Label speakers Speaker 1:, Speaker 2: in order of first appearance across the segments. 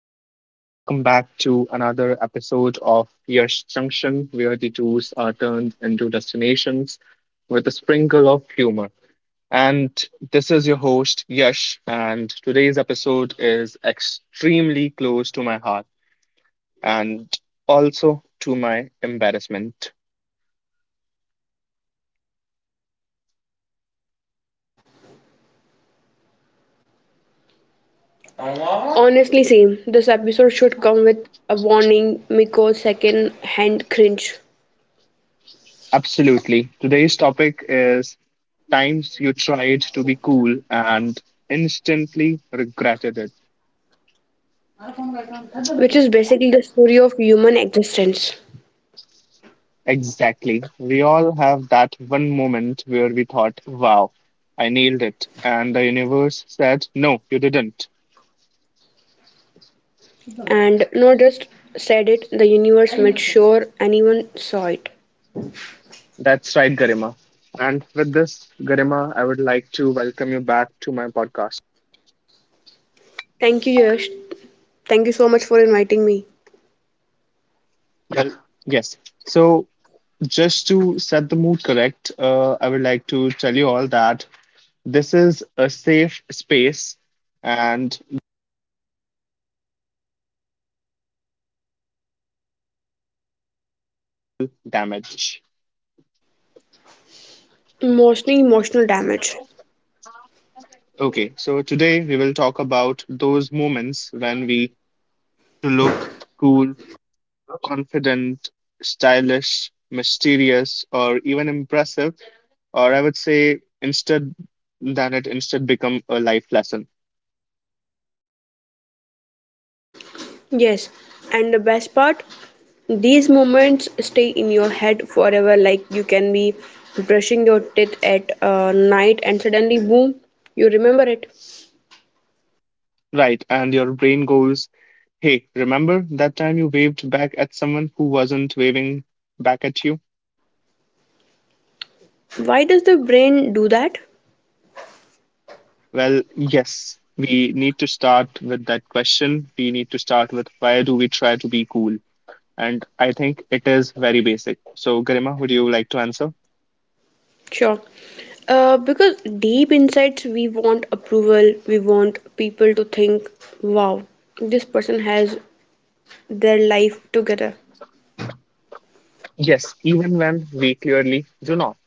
Speaker 1: Everyone. Welcome back to another episode of Yash Junction, where the tours are turned into destinations with a sprinkle of humor. And this is your host, Yash, and today's episode is extremely close to my heart and also to my embarrassment.
Speaker 2: Honestly same. This episode should come with a warning Miko's second hand cringe,
Speaker 1: Absolutely. Today's topic is times you tried to be cool and instantly regretted it.
Speaker 2: which is basically the story of human existence.
Speaker 1: Exactly. We all have that one moment where we thought, wow, I nailed it. And the universe said, no, you didn't.
Speaker 2: And not just said it, the universe made sure anyone saw it.
Speaker 1: That's right, Garima. And with this, Garima, I would like to welcome you back to my
Speaker 2: Thank you, Yash. Thank you so much for inviting me. Mostly emotional damage.
Speaker 1: those moments when we to look cool, confident, stylish, mysterious, or even impressive, or I would say instead than it instead become a life lesson.
Speaker 2: Yes, and the best part, these moments stay in your head forever. Like you can be brushing your teeth at night and suddenly, boom, you remember it.
Speaker 1: Right, and your brain goes, hey, remember that time you waved back at someone who wasn't waving back at you?
Speaker 2: Why does the brain do that?
Speaker 1: Well, yes, we need to start with that question. We need to start with why do we try to be cool? And I think it is very basic. So, Garima, would you like to answer?
Speaker 2: Sure. Because deep insides, we want approval, we want people to think, wow, this person has their life together,
Speaker 1: Yes, even when we clearly do not,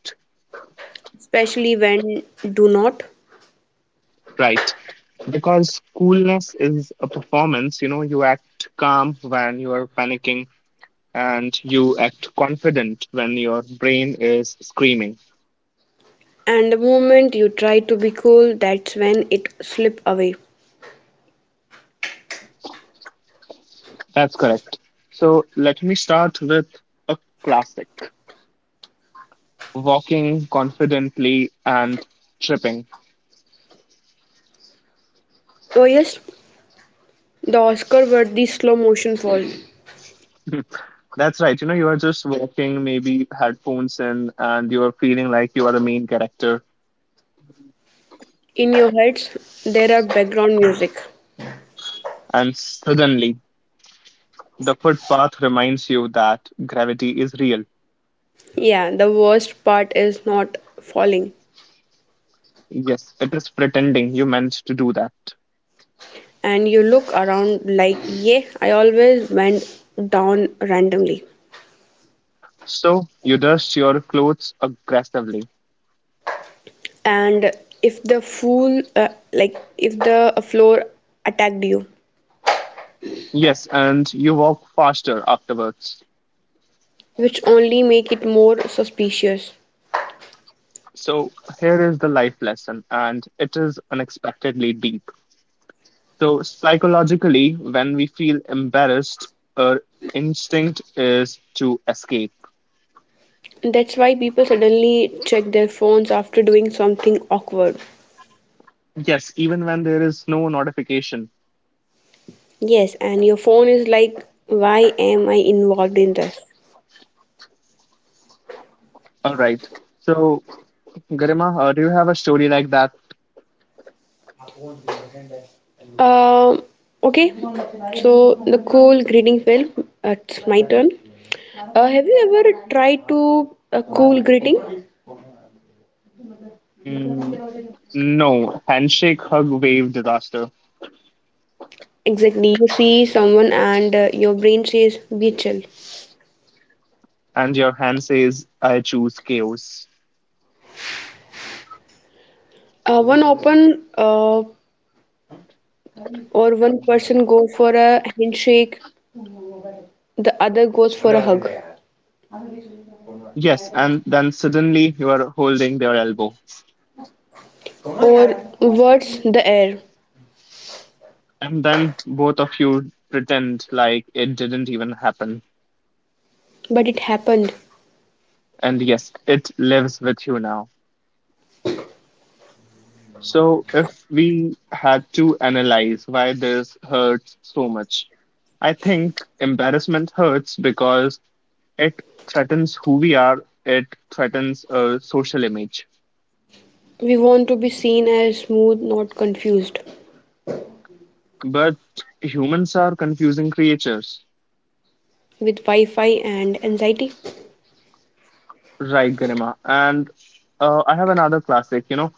Speaker 2: especially when do not.
Speaker 1: right? Because coolness is a performance. You know, you act calm when you are panicking, and you act confident when your brain is screaming.
Speaker 2: And the moment you try to be cool, that's when it slip away.
Speaker 1: That's correct. So let me start with a classic walking confidently and tripping.
Speaker 2: Oh yes, the Oscar worthy slow motion fall.
Speaker 1: That's right. You know, you are just walking, maybe headphones in, and you are feeling like you are the main character,
Speaker 2: In your heads, there are background music.
Speaker 1: and suddenly the footpath reminds you that gravity is real.
Speaker 2: Yeah, the worst part is not falling.
Speaker 1: Yes, it is pretending you managed to do that.
Speaker 2: And you look around like, yeah, I always went down randomly.
Speaker 1: So you dust your clothes aggressively.
Speaker 2: And if the floor attacked you,
Speaker 1: Yes, and you walk faster afterwards.
Speaker 2: which only make it more suspicious.
Speaker 1: So here is the life lesson, and it is unexpectedly deep. So psychologically, when we feel embarrassed, our instinct is to escape.
Speaker 2: That's why people suddenly check their phones after doing something awkward.
Speaker 1: Yes, even when there is no notification.
Speaker 2: Yes, and your phone is like, why am I involved in this?
Speaker 1: All right. So, Garima, do you have a story like that?
Speaker 2: um okay, so the cool greeting film, it's my turn. Have you ever tried to a cool greeting?
Speaker 1: Mm, no, handshake, hug, wave, disaster.
Speaker 2: Exactly. You see someone and your brain says, be chill.
Speaker 1: And your hand says, I choose chaos.
Speaker 2: One open or One person goes for a handshake, the other goes for a hug,
Speaker 1: Yes, and then suddenly you are holding their elbow.
Speaker 2: or words the air.
Speaker 1: And then both of you pretend like it didn't even happen.
Speaker 2: But it happened.
Speaker 1: And yes, it lives with you now. So, if we had to analyze why this hurts so much, I think embarrassment hurts because it threatens who we are, it threatens a social image.
Speaker 2: We want to be seen as smooth, not confused,
Speaker 1: But humans are confusing creatures,
Speaker 2: with Wi-Fi and anxiety.
Speaker 1: right, Garima? And I have another classic, you know,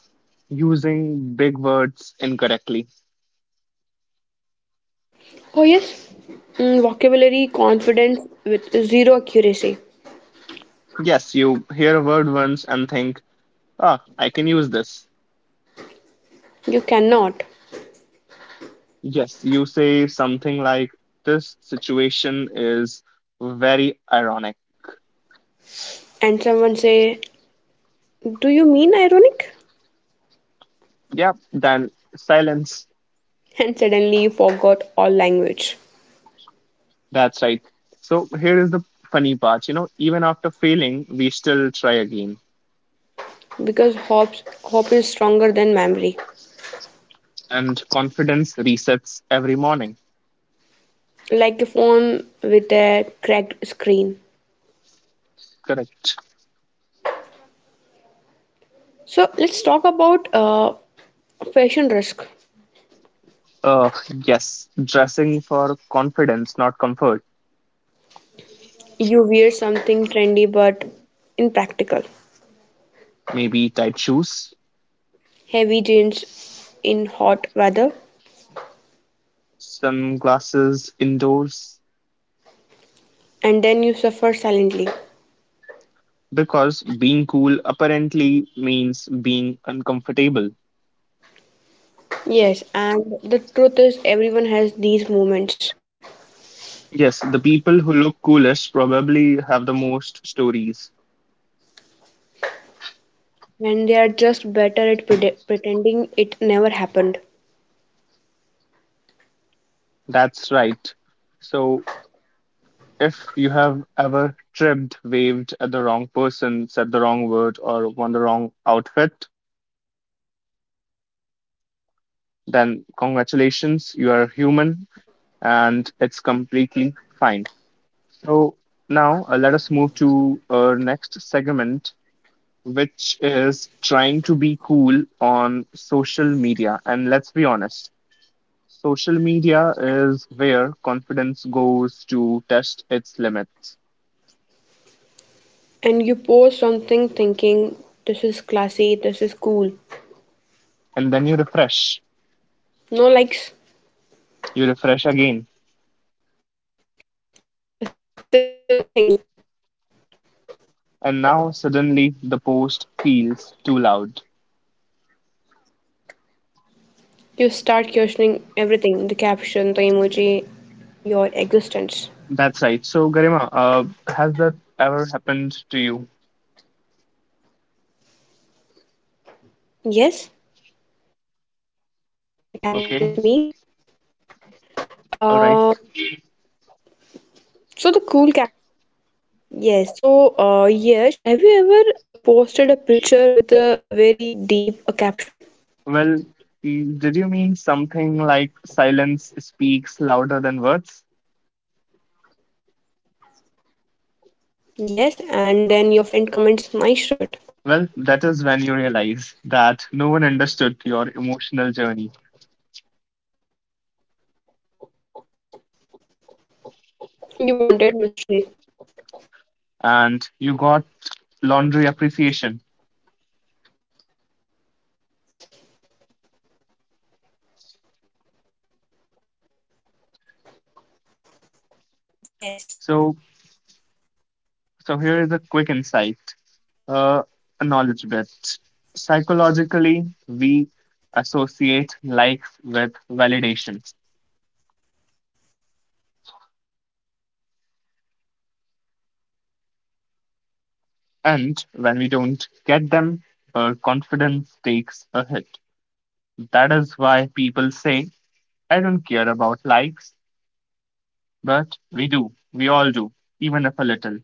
Speaker 1: using big words incorrectly.
Speaker 2: Oh yes. Vocabulary confidence with zero accuracy.
Speaker 1: Yes, you hear a word once and think, ah, I can use this.
Speaker 2: You cannot.
Speaker 1: Yes, you say something like, this situation is very ironic.
Speaker 2: And someone say, do you mean ironic?
Speaker 1: Yeah, then silence.
Speaker 2: And suddenly you forgot all language,
Speaker 1: That's right. So here is the funny part, you know, even after failing, we still try again,
Speaker 2: because hope, hope is stronger than memory,
Speaker 1: and confidence resets every morning.
Speaker 2: like a phone with a cracked screen.
Speaker 1: Correct.
Speaker 2: So let's talk about fashion risk.
Speaker 1: Uh, yes, dressing for confidence, not comfort.
Speaker 2: You wear something trendy but impractical,
Speaker 1: Maybe tight shoes,
Speaker 2: heavy jeans in hot weather,
Speaker 1: sunglasses indoors,
Speaker 2: and then you suffer silently.
Speaker 1: because being cool apparently means being uncomfortable.
Speaker 2: Yes, and the truth is, everyone has these moments
Speaker 1: Yes, the people who look coolest probably have the most stories.
Speaker 2: when they are just better at pretending it never happened.
Speaker 1: That's right. So, if you have ever tripped, waved at the wrong person, said the wrong word, or worn the wrong outfit, then
Speaker 2: Congratulations, are you?
Speaker 1: congratulations, you are human and it's completely fine. So now let us move to our next segment, which is trying to be cool on social media. And let's be honest, social media is where confidence goes to test its limits.
Speaker 2: And you post something thinking, this is classy, this is cool.
Speaker 1: And then
Speaker 2: No likes,
Speaker 1: you refresh again.
Speaker 2: still nothing.
Speaker 1: And now suddenly the post feels too loud.
Speaker 2: You start questioning everything the caption, the emoji, your existence.
Speaker 1: That's right. So, Garima, has that ever happened to you?
Speaker 2: Yes, it happened with me.
Speaker 1: Okay.
Speaker 2: Uh,
Speaker 1: All right.
Speaker 2: so the cool cap. Yes, so yes, have you ever posted a picture with a very deep caption?
Speaker 1: Well, mm, did you mean something like silence speaks louder than words?
Speaker 2: Yes, and then your friend comments, nice shirt.
Speaker 1: Well, that is when you realize that no one understood your emotional journey
Speaker 2: You wanted mystery.
Speaker 1: and you got laundry appreciation.
Speaker 2: Yes.
Speaker 1: So, so here is a quick insight, uh, a knowledge bit. Psychologically, we associate likes with validation, and when we don't get them, our confidence takes a hit. That is why people say I don't care about likes, but we do. We all do, even if a little.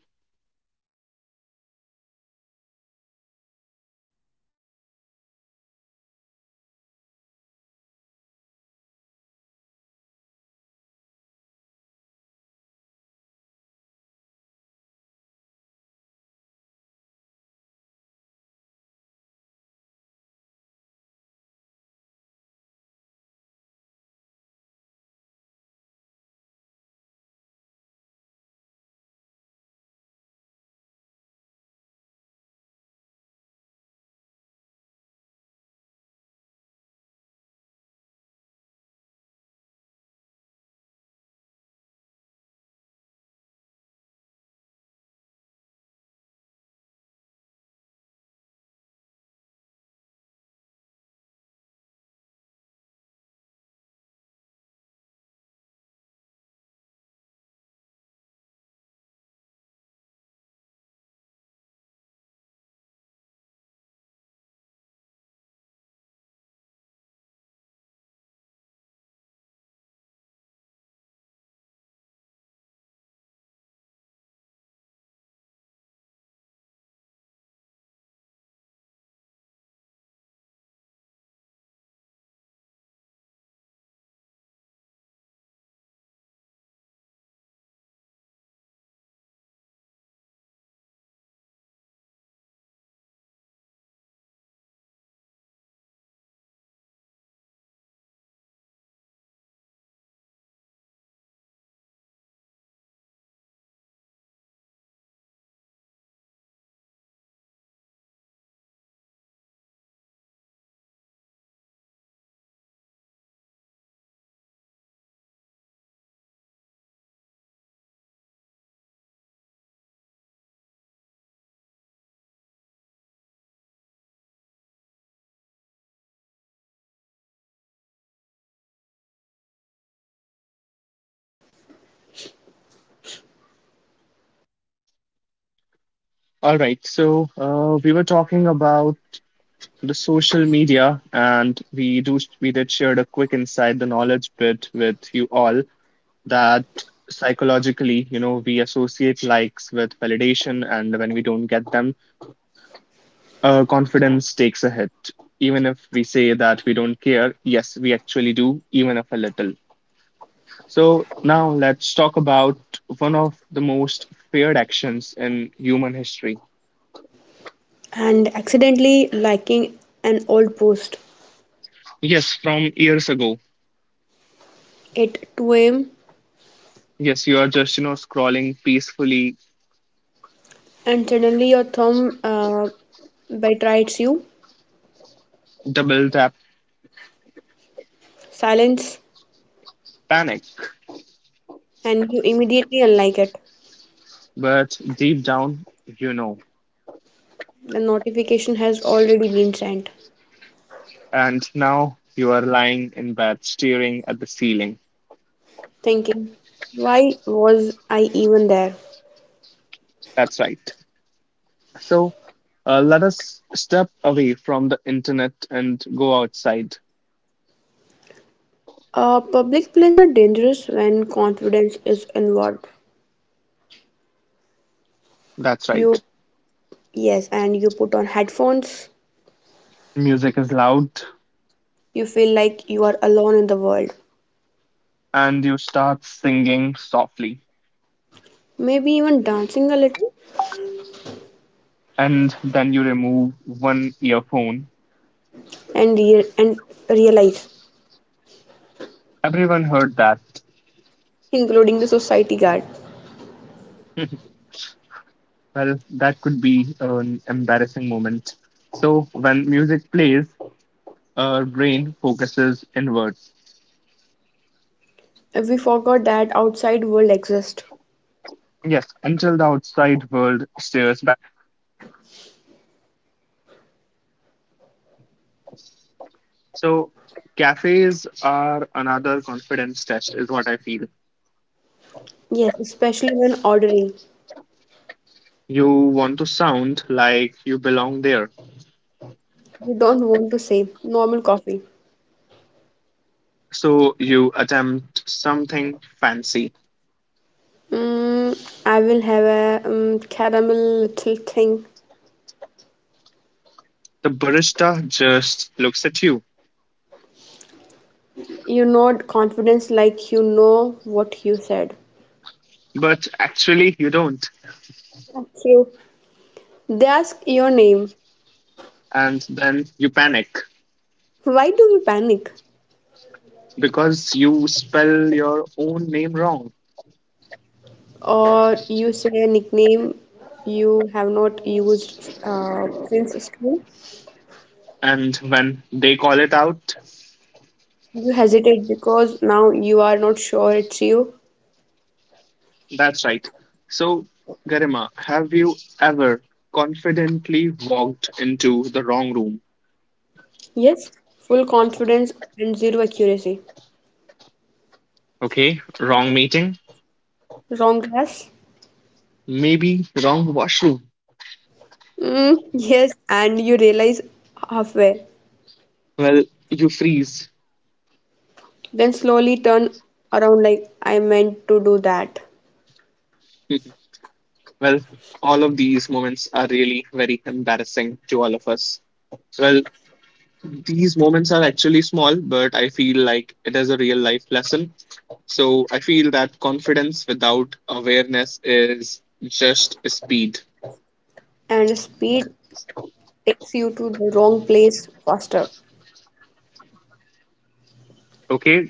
Speaker 1: All right, so we were talking about the social media, and we did shared a quick inside the knowledge bit with you all that psychologically, you know, we associate likes with validation, and when we don't get them, confidence takes a hit. Even if we say that we don't care, yes, we actually do, even if a little. So now let's talk about one of the most feared actions in human history.
Speaker 2: And accidentally liking an old post
Speaker 1: Yes, from years ago.
Speaker 2: at 2 a.m.
Speaker 1: Yes, you are just, you know, scrolling peacefully,
Speaker 2: And suddenly your thumb betrays you,
Speaker 1: double tap
Speaker 2: silence,
Speaker 1: panic.
Speaker 2: and you immediately unlike it.
Speaker 1: But deep down, you know.
Speaker 2: The notification has already been sent.
Speaker 1: And now you are lying in bed, staring at the ceiling.
Speaker 2: Thinking, why was I even there?
Speaker 1: That's right. So let us step away from the internet and go outside.
Speaker 2: Public places are dangerous when confidence is involved.
Speaker 1: That's
Speaker 2: You,
Speaker 1: right.
Speaker 2: yes, and you put on headphones,
Speaker 1: Music is loud,
Speaker 2: you feel like you are alone in the world.
Speaker 1: and you start singing softly
Speaker 2: Maybe even dancing a little,
Speaker 1: and then you remove one earphone.
Speaker 2: and realize,
Speaker 1: Everyone heard that.
Speaker 2: including the society guard.
Speaker 1: Well, that could be an embarrassing moment. So, when music plays, our brain focuses inwards.
Speaker 2: We forgot that outside world exists.
Speaker 1: Yes, until the outside world stares back. So, cafes are another confidence test, is what I feel.
Speaker 2: Yes, especially when ordering.
Speaker 1: You want to sound like you belong there.
Speaker 2: We don't want to say normal coffee.
Speaker 1: So, you attempt something fancy.
Speaker 2: Mm, I will have a caramel little thing.
Speaker 1: The barista just looks at you
Speaker 2: You nod confidence like you know what you said.
Speaker 1: but actually you don't.
Speaker 2: True. They ask your name.
Speaker 1: And then you panic
Speaker 2: Why do we panic?
Speaker 1: because you spell your own name wrong.
Speaker 2: Or you say a nickname you have not used since school.
Speaker 1: And when they call it out,
Speaker 2: You hesitate because now you are not sure it's you.
Speaker 1: that's right. So, Garima, have you ever confidently walked into the wrong room?
Speaker 2: Yes, full confidence and zero accuracy.
Speaker 1: Okay, wrong meeting,
Speaker 2: Wrong class?
Speaker 1: maybe wrong washroom.
Speaker 2: Mm, yes, and you realize halfway.
Speaker 1: Well, you freeze.
Speaker 2: Then slowly turn around like I meant to do that.
Speaker 1: Well, all of these moments are really very embarrassing to all of us. Well, these moments are actually small, but I feel like it is a real life lesson. So I feel that confidence without awareness is just speed.
Speaker 2: And speed takes you to the wrong place faster.
Speaker 1: Okay.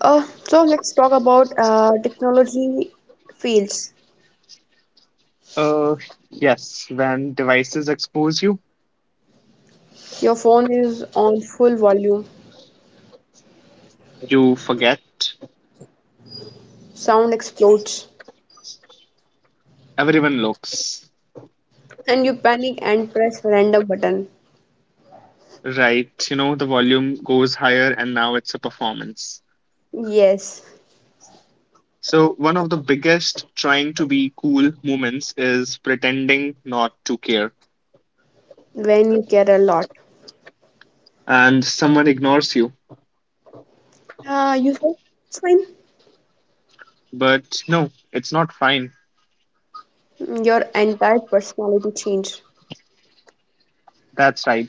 Speaker 2: So let's talk about technology fields.
Speaker 1: Uh, yes, when devices expose you,
Speaker 2: Your phone is on full volume,
Speaker 1: you forget.
Speaker 2: sound explodes,
Speaker 1: Everyone looks.
Speaker 2: and you panic and press random button.
Speaker 1: Right. You know, the volume goes higher and now it's a performance.
Speaker 2: Yes,
Speaker 1: So, one of the biggest trying to be cool moments is pretending not to care.
Speaker 2: when you care a lot,
Speaker 1: And someone ignores you.
Speaker 2: you say it's fine.
Speaker 1: But no, it's not fine.
Speaker 2: Your entire personality change.
Speaker 1: That's right.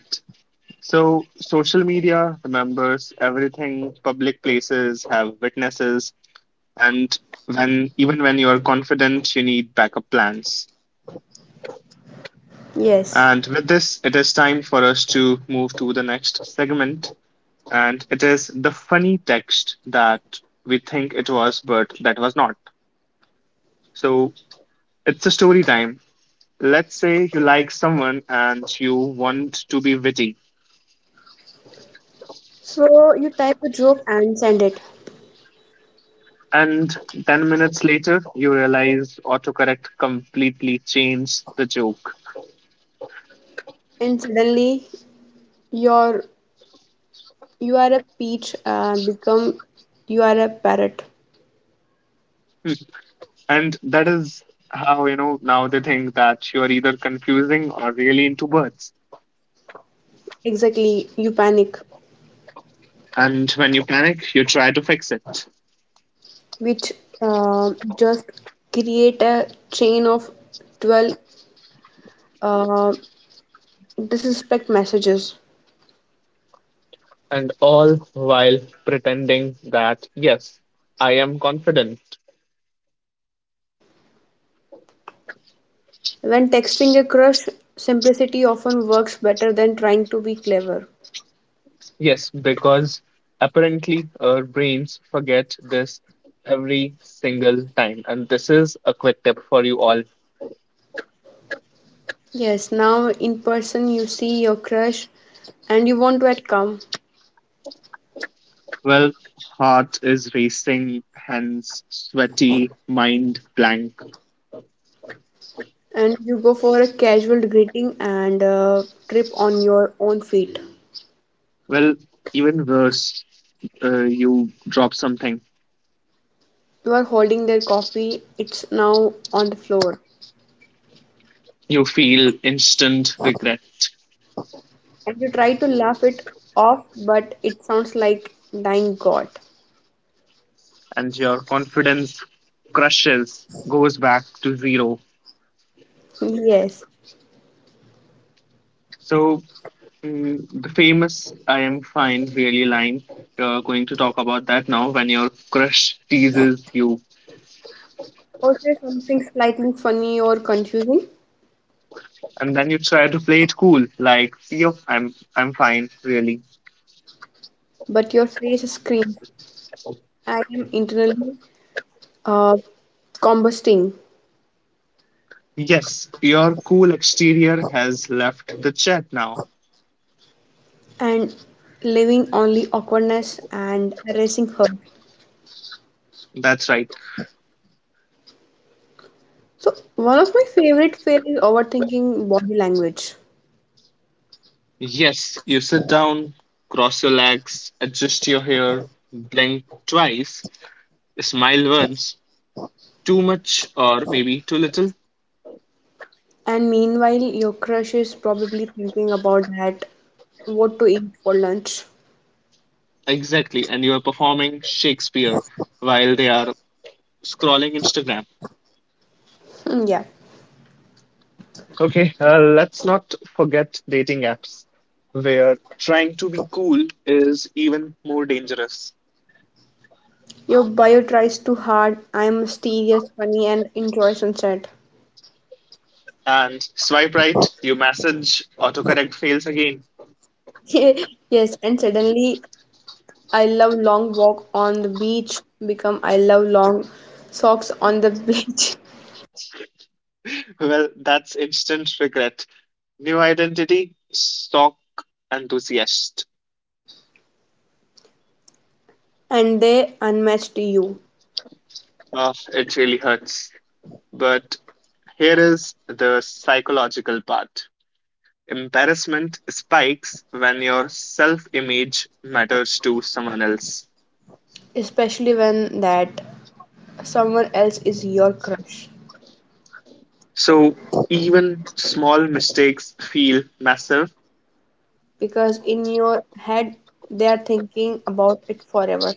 Speaker 1: So, social media remembers everything, public places have witnesses, and when even when you are confident, you need backup plans.
Speaker 2: Yes.
Speaker 1: And with this, it is time for us to move to the next segment, and it is the funny text that we think it was, but that was not. So, it's a story time. Let's say you like someone and you want to be witty.
Speaker 2: So you type a joke and send it,
Speaker 1: And 10 minutes later, you realize autocorrect completely changed the joke.
Speaker 2: and suddenly you're you are a peach. Become you are a parrot.
Speaker 1: And that is how, you know, now they think that you're either confusing or really into birds.
Speaker 2: Exactly. You panic,
Speaker 1: And when you panic, you try to fix it.
Speaker 2: which just create a chain of 12 uh, disrespect messages.
Speaker 1: And all while pretending that, yes, I am confident.
Speaker 2: When texting a crush, simplicity often works better than trying to be clever.
Speaker 1: Yes, because apparently our brains forget this every single time. And this is a quick tip for you all.
Speaker 2: Yes, now in person you see your crush and you want to act calm,
Speaker 1: Well, heart is racing, hands sweaty, mind blank.
Speaker 2: and you go for a casual greeting and trip on your own feet.
Speaker 1: Well, even worse, you drop something.
Speaker 2: You are holding their coffee, it's now on the floor.
Speaker 1: You feel instant regret,
Speaker 2: And you try to laugh it off, but it sounds like dying God.
Speaker 1: and your confidence crushes, goes back to zero.
Speaker 2: Yes.
Speaker 1: So, mm, the famous I am fine really line, you're going to talk about that now when your crush teases you,
Speaker 2: Or say something slightly funny or confusing,
Speaker 1: and then you try to play it cool, like, yo, I'm fine, really.
Speaker 2: but your face screams, I am internally uh, composting
Speaker 1: Yes, your cool exterior has left the chat now.
Speaker 2: and living only awkwardness and erasing her.
Speaker 1: That's right.
Speaker 2: So one of my favorite fails is overthinking body language.
Speaker 1: Yes, you sit down, cross your legs, adjust your hair, blink twice, smile once, too much or maybe too little.
Speaker 2: And meanwhile, your crush is probably thinking about that, what to eat for lunch.
Speaker 1: Exactly, and you are performing Shakespeare while they are scrolling Instagram.
Speaker 2: Hmm. Yeah.
Speaker 1: Okay, let's not forget dating apps, where trying to be cool is even more dangerous.
Speaker 2: Your bio tries too hard. I'm mysterious, funny, and enjoy sunset.
Speaker 1: And swipe right, you message autocorrect fails again.
Speaker 2: Yes, and suddenly I love long walk on the beach become I love long socks on the beach.
Speaker 1: Well, that's instant regret. New identity, stock enthusiast.
Speaker 2: And they unmatched you,
Speaker 1: Oh, it really hurts. But here is the psychological part. Embarrassment spikes when your self image matters to someone else.
Speaker 2: especially when that someone else is your crush,
Speaker 1: So even small mistakes feel massive,
Speaker 2: because in your head they are thinking about it forever.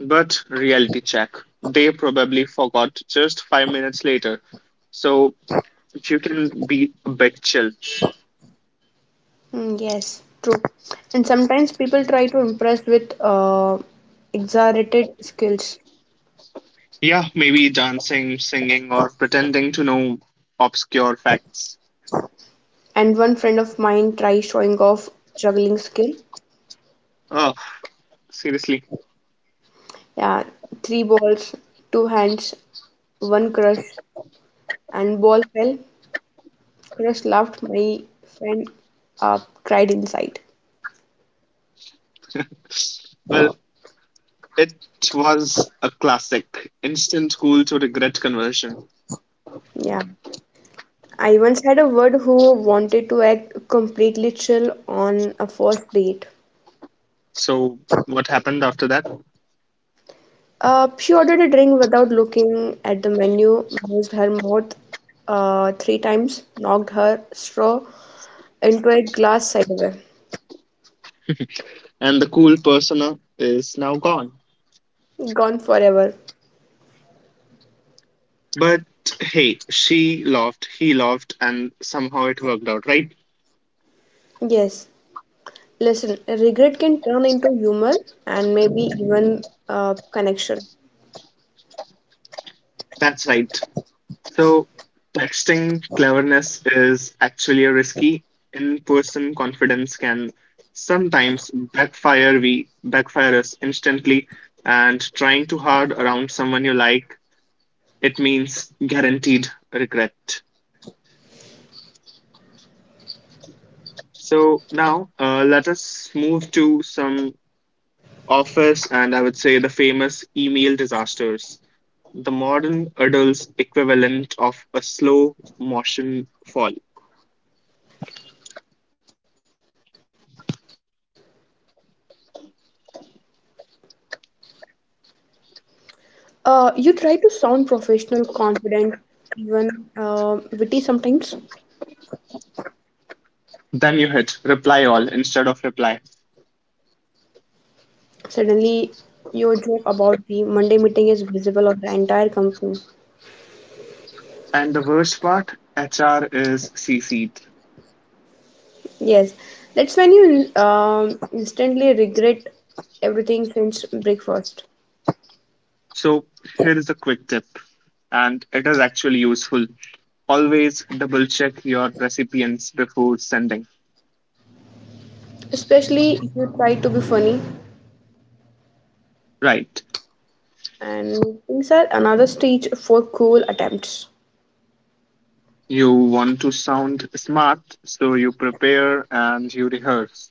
Speaker 1: but reality check. They probably forgot just 5 minutes later. So which you can be a bit chill.
Speaker 2: Mm, yes, true. And sometimes people try to impress with exaggerated skills,
Speaker 1: Yeah, maybe dancing, singing, or pretending to know obscure facts.
Speaker 2: and one friend of mine tried showing off juggling skill.
Speaker 1: Oh, seriously.
Speaker 2: Yeah, three balls, two hands, one crush, and ball fell, crush laughed, my friend cried inside.
Speaker 1: Well, it was a classic instant cool to regret conversion.
Speaker 2: Yeah. I once had a word who wanted to act completely chill on a first date.
Speaker 1: So, what happened after that?
Speaker 2: She ordered a drink without looking at the menu, moved her mouth three times, knocked her straw into a glass sideway.
Speaker 1: And the cool persona is now gone.
Speaker 2: Gone forever.
Speaker 1: But hey, she loved, he loved, and somehow it worked out, right?
Speaker 2: Yes. Listen, regret can turn into humor and maybe even connection.
Speaker 1: That's right. So, texting cleverness is actually a risky. In person confidence can sometimes backfire we backfire us instantly and trying too hard around someone you like it means guaranteed regret. So now let us move to some office and I would say the famous email disasters. The modern adult's equivalent of a slow motion fall.
Speaker 2: You try to sound professional, confident, even witty sometimes.
Speaker 1: Then you hit reply all instead of reply.
Speaker 2: Suddenly, your joke about the Monday meeting is visible of the entire company.
Speaker 1: And the worst part, HR is CC'd.
Speaker 2: Yes, that's when you instantly regret everything since breakfast.
Speaker 1: So here is a quick tip, and it is actually useful. Always double check your recipients before sending.
Speaker 2: Especially if you try to be funny,
Speaker 1: Right.
Speaker 2: and meetings are another stage for cool attempts.
Speaker 1: You want to sound smart, so you prepare and you rehearse.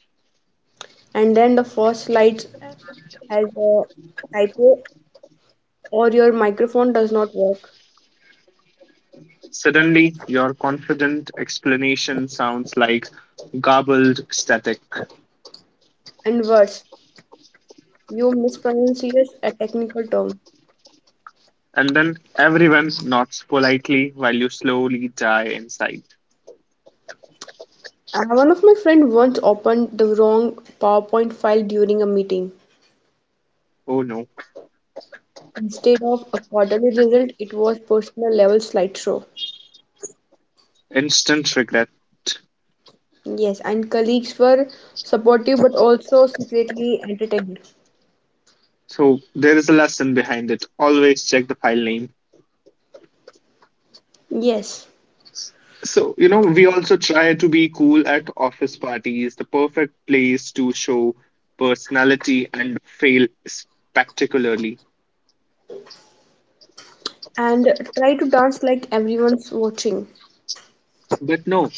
Speaker 2: And then the first slide has a typo or your microphone does not work.
Speaker 1: Suddenly, your confident explanation sounds like garbled static.
Speaker 2: And worse, you mispronounce a technical term.
Speaker 1: And then everyone nods politely while you slowly die inside.
Speaker 2: One of my friend once opened the wrong PowerPoint file during a meeting.
Speaker 1: Oh no.
Speaker 2: Instead of a quarterly result, it was personal level slideshow.
Speaker 1: Instant regret.
Speaker 2: Yes, and colleagues were supportive but also secretly entertained.
Speaker 1: So there is a lesson behind it. Always check the file name.
Speaker 2: Yes,
Speaker 1: So, you know, we also try to be cool at office parties, the perfect place to show personality and fail spectacularly.
Speaker 2: and try to dance like everyone's watching.
Speaker 1: But no,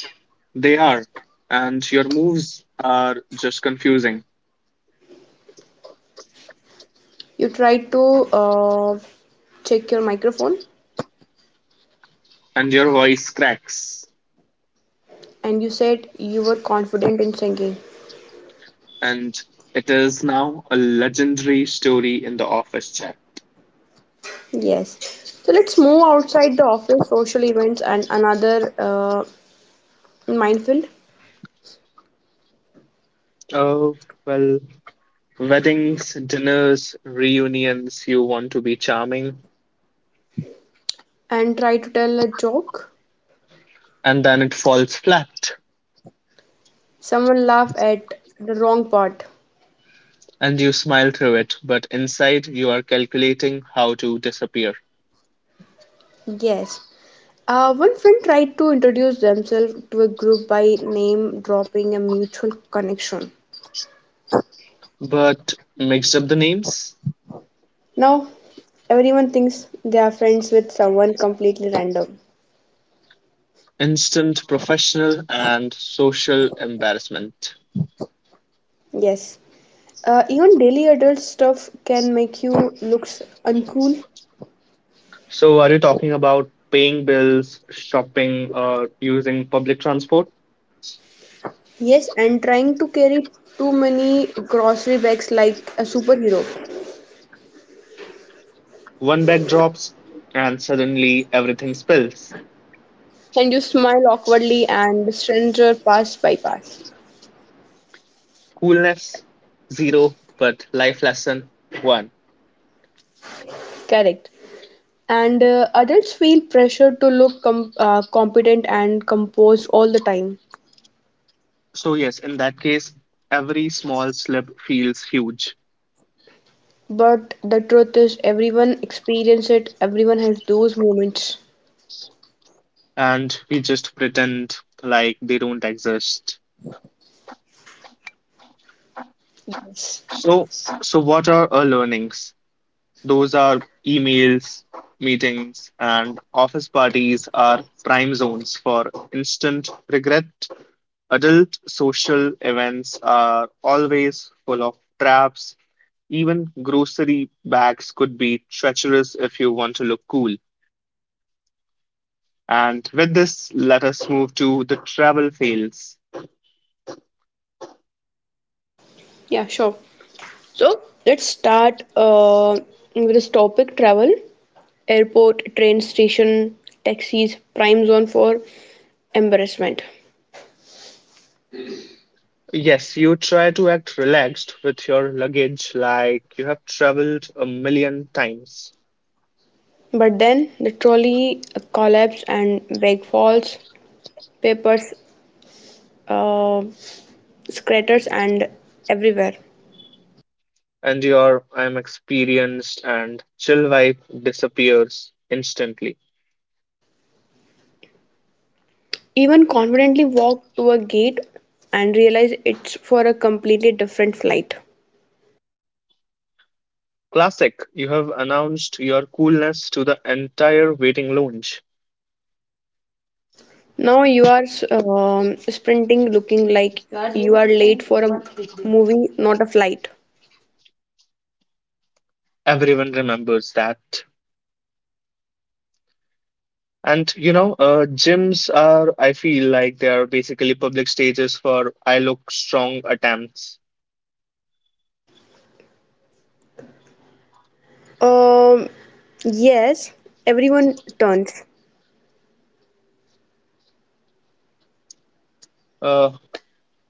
Speaker 1: they are. And your moves are just confusing,
Speaker 2: You tried to uh, check your microphone,
Speaker 1: and your voice cracks.
Speaker 2: and you said you were confident in singing.
Speaker 1: And it is now a legendary story in the office chat.
Speaker 2: Yes. So let's move outside the office, social events, and another minefield,
Speaker 1: Oh, well, weddings, dinners, reunions, you want to be charming,
Speaker 2: and try to tell a joke.
Speaker 1: and then it falls flat,
Speaker 2: Someone laughed at the wrong part.
Speaker 1: and you smile through it, but inside you are calculating how to disappear.
Speaker 2: Yes. One friend tried to introduce themselves to a group by name, dropping a mutual connection.
Speaker 1: But mixed up the names,
Speaker 2: Now, everyone thinks they are friends with someone completely random.
Speaker 1: instant professional and social embarrassment.
Speaker 2: Yes. Even daily adult stuff can make you looks uncool.
Speaker 1: So, are you talking about paying bills, shopping, or using public transport?
Speaker 2: Yes, and trying to carry too many grocery bags like a superhero.
Speaker 1: One bag drops, and suddenly everything spills.
Speaker 2: And you smile awkwardly and the stranger pass by pass.
Speaker 1: Coolness, zero, but life lesson, one.
Speaker 2: Correct. And adults feel pressure to look competent and composed all the time.
Speaker 1: So, yes, in that case, every small slip feels huge,
Speaker 2: But the truth is, everyone experiences it, everyone has those moments.
Speaker 1: and we just pretend like they don't exist.
Speaker 2: Yes.
Speaker 1: So, so, what are our learnings? Those are emails, meetings, and office parties are prime zones for instant regret. Adult social events are always full of traps. Even grocery bags could be treacherous if you want to look cool. And with this, let us move to the travel fails.
Speaker 2: Yeah, sure. So let's start with this topic travel, airport, train station, taxis, prime zone for embarrassment.
Speaker 1: Yes, you try to act relaxed with your luggage like you have traveled a million times,
Speaker 2: But then the trolley collapse and bag falls, papers uh, craters and everywhere.
Speaker 1: and your I'm experienced and chill vibe disappears instantly.
Speaker 2: Even confidently walk to a gate and realize it's for a completely different flight.
Speaker 1: Classic, you have announced your coolness to the entire waiting lounge.
Speaker 2: Now you are sprinting, looking like you are late for a movie, not a flight.
Speaker 1: Everyone remembers that. And you know, gyms are, I feel like they are basically public stages for I look strong attempts.
Speaker 2: Um, yes, everyone turns,
Speaker 1: Uh,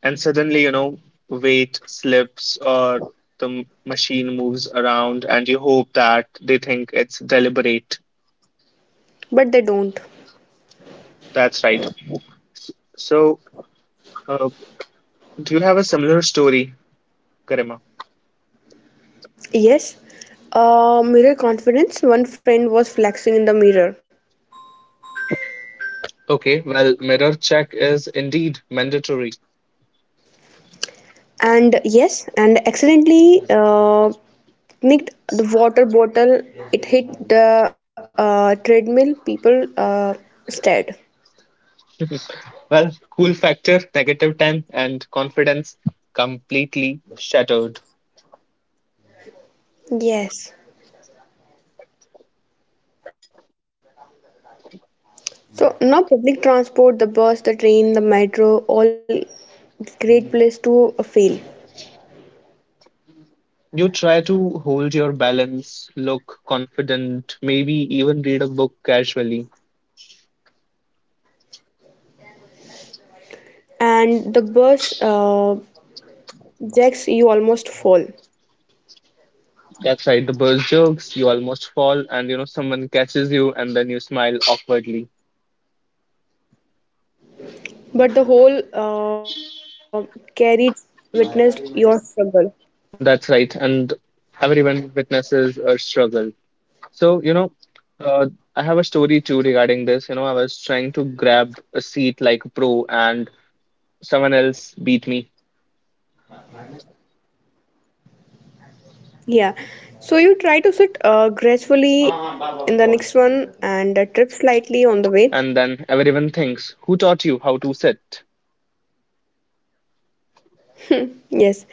Speaker 1: and suddenly you know weight slips or the machine moves around and you hope that they think it's deliberate.
Speaker 2: but they don't.
Speaker 1: That's right. S- so uh, do you have a similar story, Karima?
Speaker 2: Yes, mirror confidence. One friend was flexing in the mirror,
Speaker 1: Okay, well, mirror check is indeed mandatory.
Speaker 2: and yes, and accidentally nicked the water bottle, it hit the treadmill, people stared.
Speaker 1: Well, cool factor, negative 10, and confidence completely shattered.
Speaker 2: Yes, so now public transport, the bus, the train, the metro, all great place to fail.
Speaker 1: You try to hold your balance, look confident, maybe even read a book casually.
Speaker 2: And the bus jacks, you almost fall,
Speaker 1: That's right. The burst jerks, you almost fall, and you know, someone catches you, and then you smile awkwardly.
Speaker 2: but the whole carriage witnessed your struggle.
Speaker 1: That's right. And everyone witnesses a struggle. So, you know, uh, I have a story too regarding this. You know, I was trying to grab a seat like a pro, and someone else beat me.
Speaker 2: Yeah, so you try to sit gracefully in the next one and trip slightly on the way.
Speaker 1: And then everyone thinks, who taught you how to sit?
Speaker 2: Yes,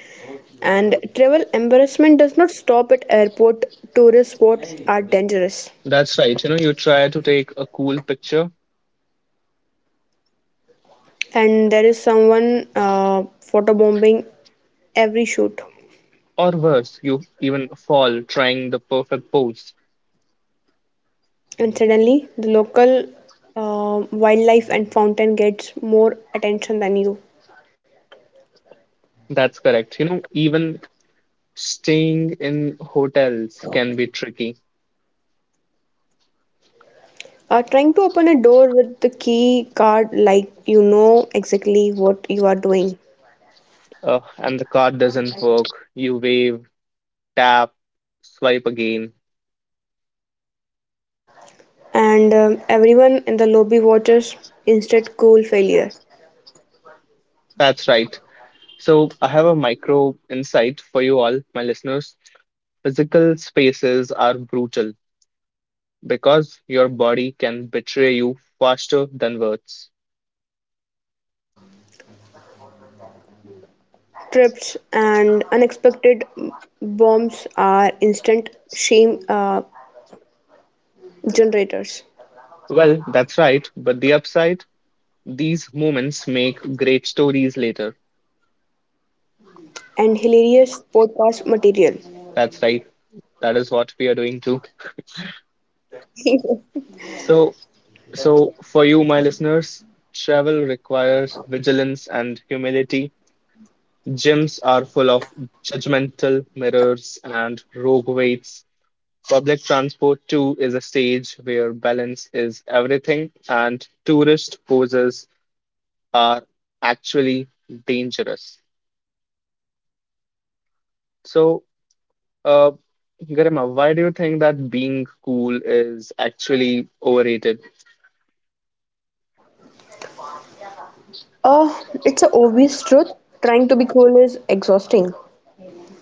Speaker 2: and travel embarrassment does not stop at airport. Tourist spots are dangerous,
Speaker 1: That's right. You know, you try to take a cool picture,
Speaker 2: and there is someone photo bombing every shoot.
Speaker 1: or worse, you even fall trying the perfect pose.
Speaker 2: And suddenly, the local wildlife and fountain gets more attention than you.
Speaker 1: That's correct. You know, even staying in hotels can be tricky,
Speaker 2: Trying to open a door with the key card, like you know exactly what you are doing,
Speaker 1: and the card doesn't work. You wave, tap, swipe again.
Speaker 2: and everyone in the lobby watches. Instead, cool failure.
Speaker 1: That's right. So, I have a micro insight for you all, my listeners. Physical spaces are brutal because your body can betray you faster than words.
Speaker 2: Trips and unexpected bombs are instant shame generators,
Speaker 1: Well, that's right, but the upside, these moments make great stories later.
Speaker 2: and hilarious podcast material.
Speaker 1: That's right. That is what we are doing too. So, so, for you, my listeners, travel requires vigilance and humility. Gyms are full of judgmental mirrors and rogue waits. Public transport, too, is a stage where balance is everything, and tourist poses are actually dangerous. So, uh, Garima, why do you think that being cool is actually overrated?
Speaker 2: uh, it's a obvious truth. Trying to be cool is exhausting,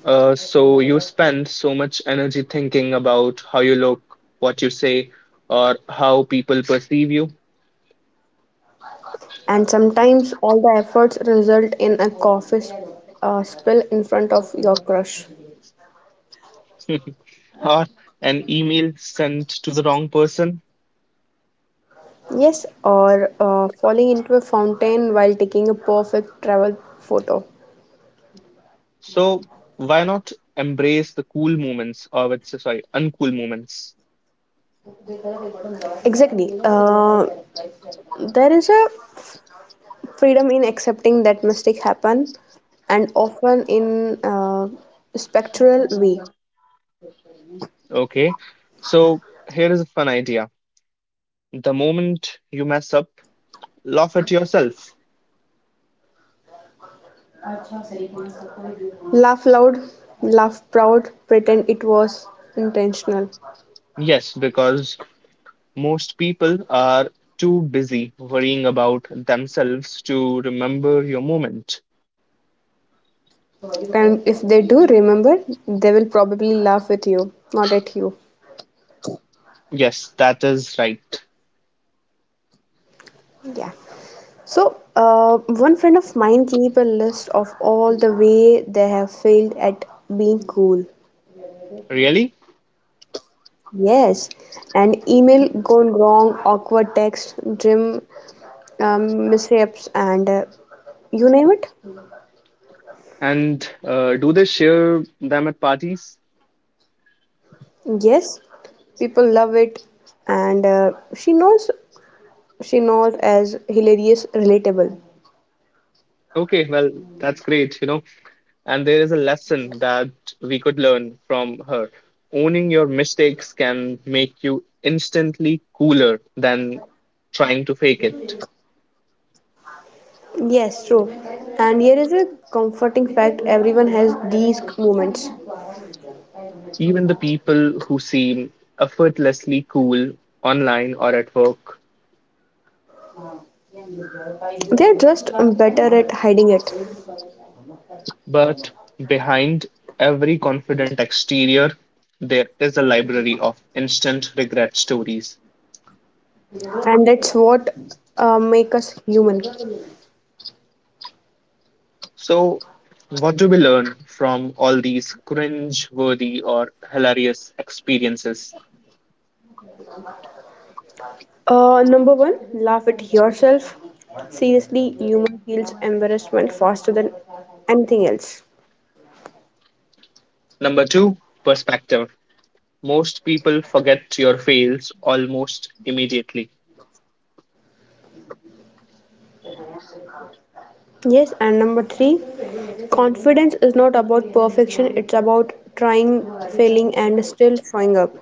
Speaker 1: So you spend so much energy thinking about how you look, what you say, or how people perceive you,
Speaker 2: and sometimes all the efforts result in a coffee spill in front of your crush.
Speaker 1: or an email sent to the wrong person.
Speaker 2: Yes, or falling into a fountain while taking a perfect travel photo.
Speaker 1: So why not embrace the cool moments, or what's sorry, uncool moments?
Speaker 2: Exactly. There is a freedom in accepting that mistakes happen, and often in a spectral way.
Speaker 1: Okay. So here is a fun idea. The moment you mess up, laugh at yourself.
Speaker 2: Laugh loud, laugh proud, pretend it was intentional.
Speaker 1: Yes, because most people are too busy worrying about themselves to remember your moment.
Speaker 2: And if they do, remember, they will probably laugh with you, not at you.
Speaker 1: Yes, that is right.
Speaker 2: Yeah. So, one friend of mine keep a list of all the way they have failed at being cool.
Speaker 1: Really?
Speaker 2: Yes, an email gone wrong, awkward text, gym mishaps, and you name it.
Speaker 1: And do they share them at parties?
Speaker 2: Yes, people love it, and she knows as hilarious, relatable.
Speaker 1: Okay, well, that's great, you know. And there is a lesson that we could learn from her. Owning your mistakes can make you instantly cooler than trying to fake it.
Speaker 2: Yes, true. And here is a comforting fact: everyone has these moments.
Speaker 1: Even the people who seem effortlessly cool online or at work,
Speaker 2: They're just better at hiding it,
Speaker 1: but behind every confident exterior, there is a library of instant regret stories.
Speaker 2: and that's what make us human.
Speaker 1: So, what do we learn from all these cringe worthy or hilarious experiences?
Speaker 2: Number 1, laugh at yourself. Seriously, human feels embarrassment faster than anything else.
Speaker 1: Number two, perspective. Most people forget your fails almost immediately.
Speaker 2: Yes, and number 3, confidence is not about perfection, it's about trying, failing, and still showing up.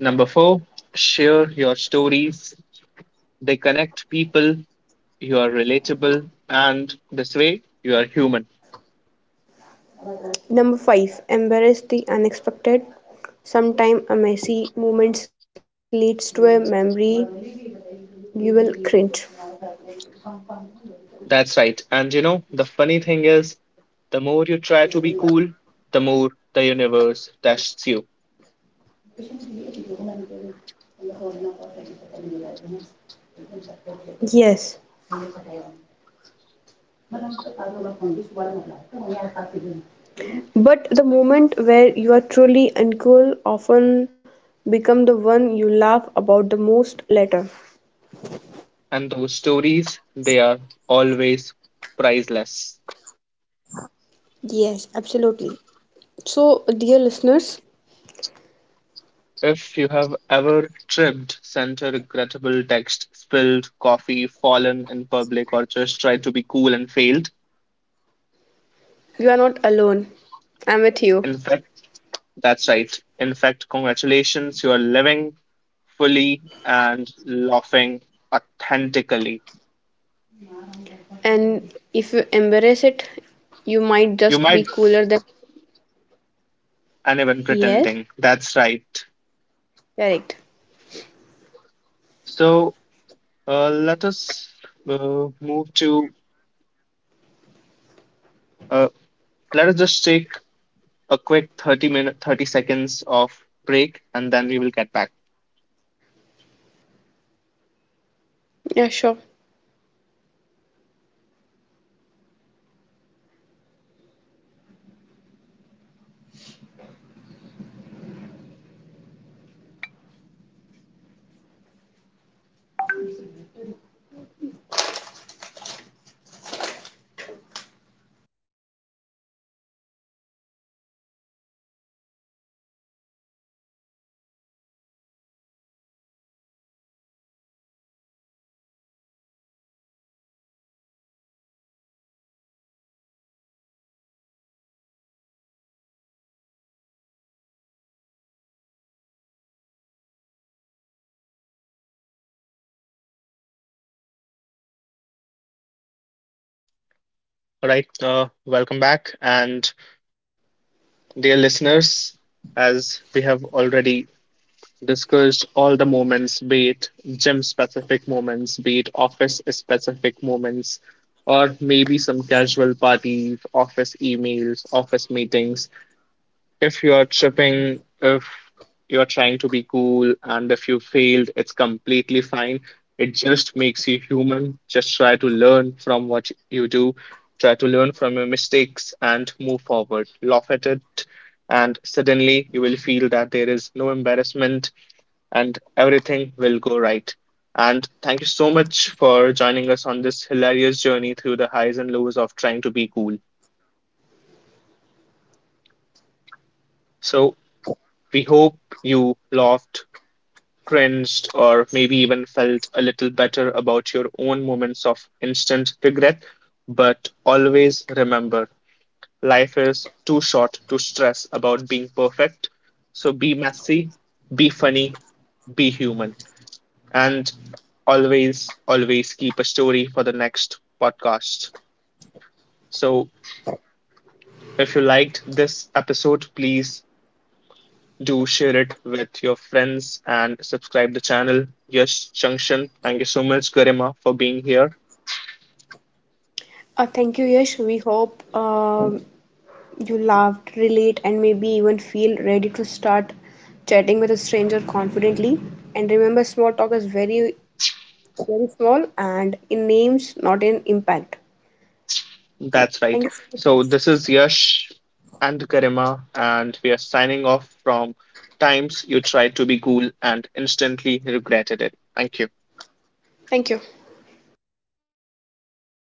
Speaker 1: Number four, share your stories. They connect people, you are relatable, and this way, you are human.
Speaker 2: Number 5, embrace the unexpected. Sometime a messy moment leads to a memory you will cringe.
Speaker 1: That's right. And you know, the funny thing is, the more you try to be cool, the more the universe tests you.
Speaker 2: Yes, but the moment where you are truly uncool often become the one you laugh about the most later.
Speaker 1: And those stories, they are always priceless.
Speaker 2: Yes, absolutely. So, dear listeners,
Speaker 1: If you have ever tripped, sent a regrettable text, spilled coffee, fallen in public, or just tried to be cool and failed,
Speaker 2: you are not alone. I'm with you.
Speaker 1: in fact, that's right. In fact, congratulations, you are living fully and laughing authentically.
Speaker 2: And if you embrace it, you might
Speaker 1: You
Speaker 2: just be
Speaker 1: might
Speaker 2: cooler than.
Speaker 1: and even
Speaker 2: Yes.
Speaker 1: pretending. That's right.
Speaker 2: Correct.
Speaker 1: So let us move to uh, let us just take a quick 30 seconds of break and then we will get back.
Speaker 2: Yeah, sure.
Speaker 1: All right, welcome back, and dear listeners, as we have already discussed all the moments, be it gym specific moments, be it office specific moments, or maybe some casual parties, office emails, office meetings, if you're tripping, if you're trying to be cool, and if you failed, it's completely fine. It just makes you human. Just try to learn from what you do, try to learn from your mistakes and move forward. Laugh at it, and suddenly you will feel that there is no embarrassment and everything will go right. And thank you so much for joining us on this hilarious journey through the highs and lows of trying to be cool. So, we hope you laughed, cringed, or maybe even felt a little better about your own moments of instant regret. But always remember, life is too short to stress about being perfect. So be messy, be funny, be human. And always, always keep a story for the next podcast. So if you liked this episode, please do share it with your friends and subscribe the channel, Yash Junction. Thank you so much, Garima, for being here.
Speaker 2: Thank you, Yash. We hope you laughed, relate, and maybe even feel ready to start chatting with a stranger confidently. And remember, small talk is very, very small and in names, not in impact.
Speaker 1: That's
Speaker 2: Thank
Speaker 1: right.
Speaker 2: you so much,
Speaker 1: So
Speaker 2: Yash.
Speaker 1: this is Yash and Garima, and we are signing off from Times You Tried to Be Cool and Instantly Regretted It. Thank you.
Speaker 2: Thank you.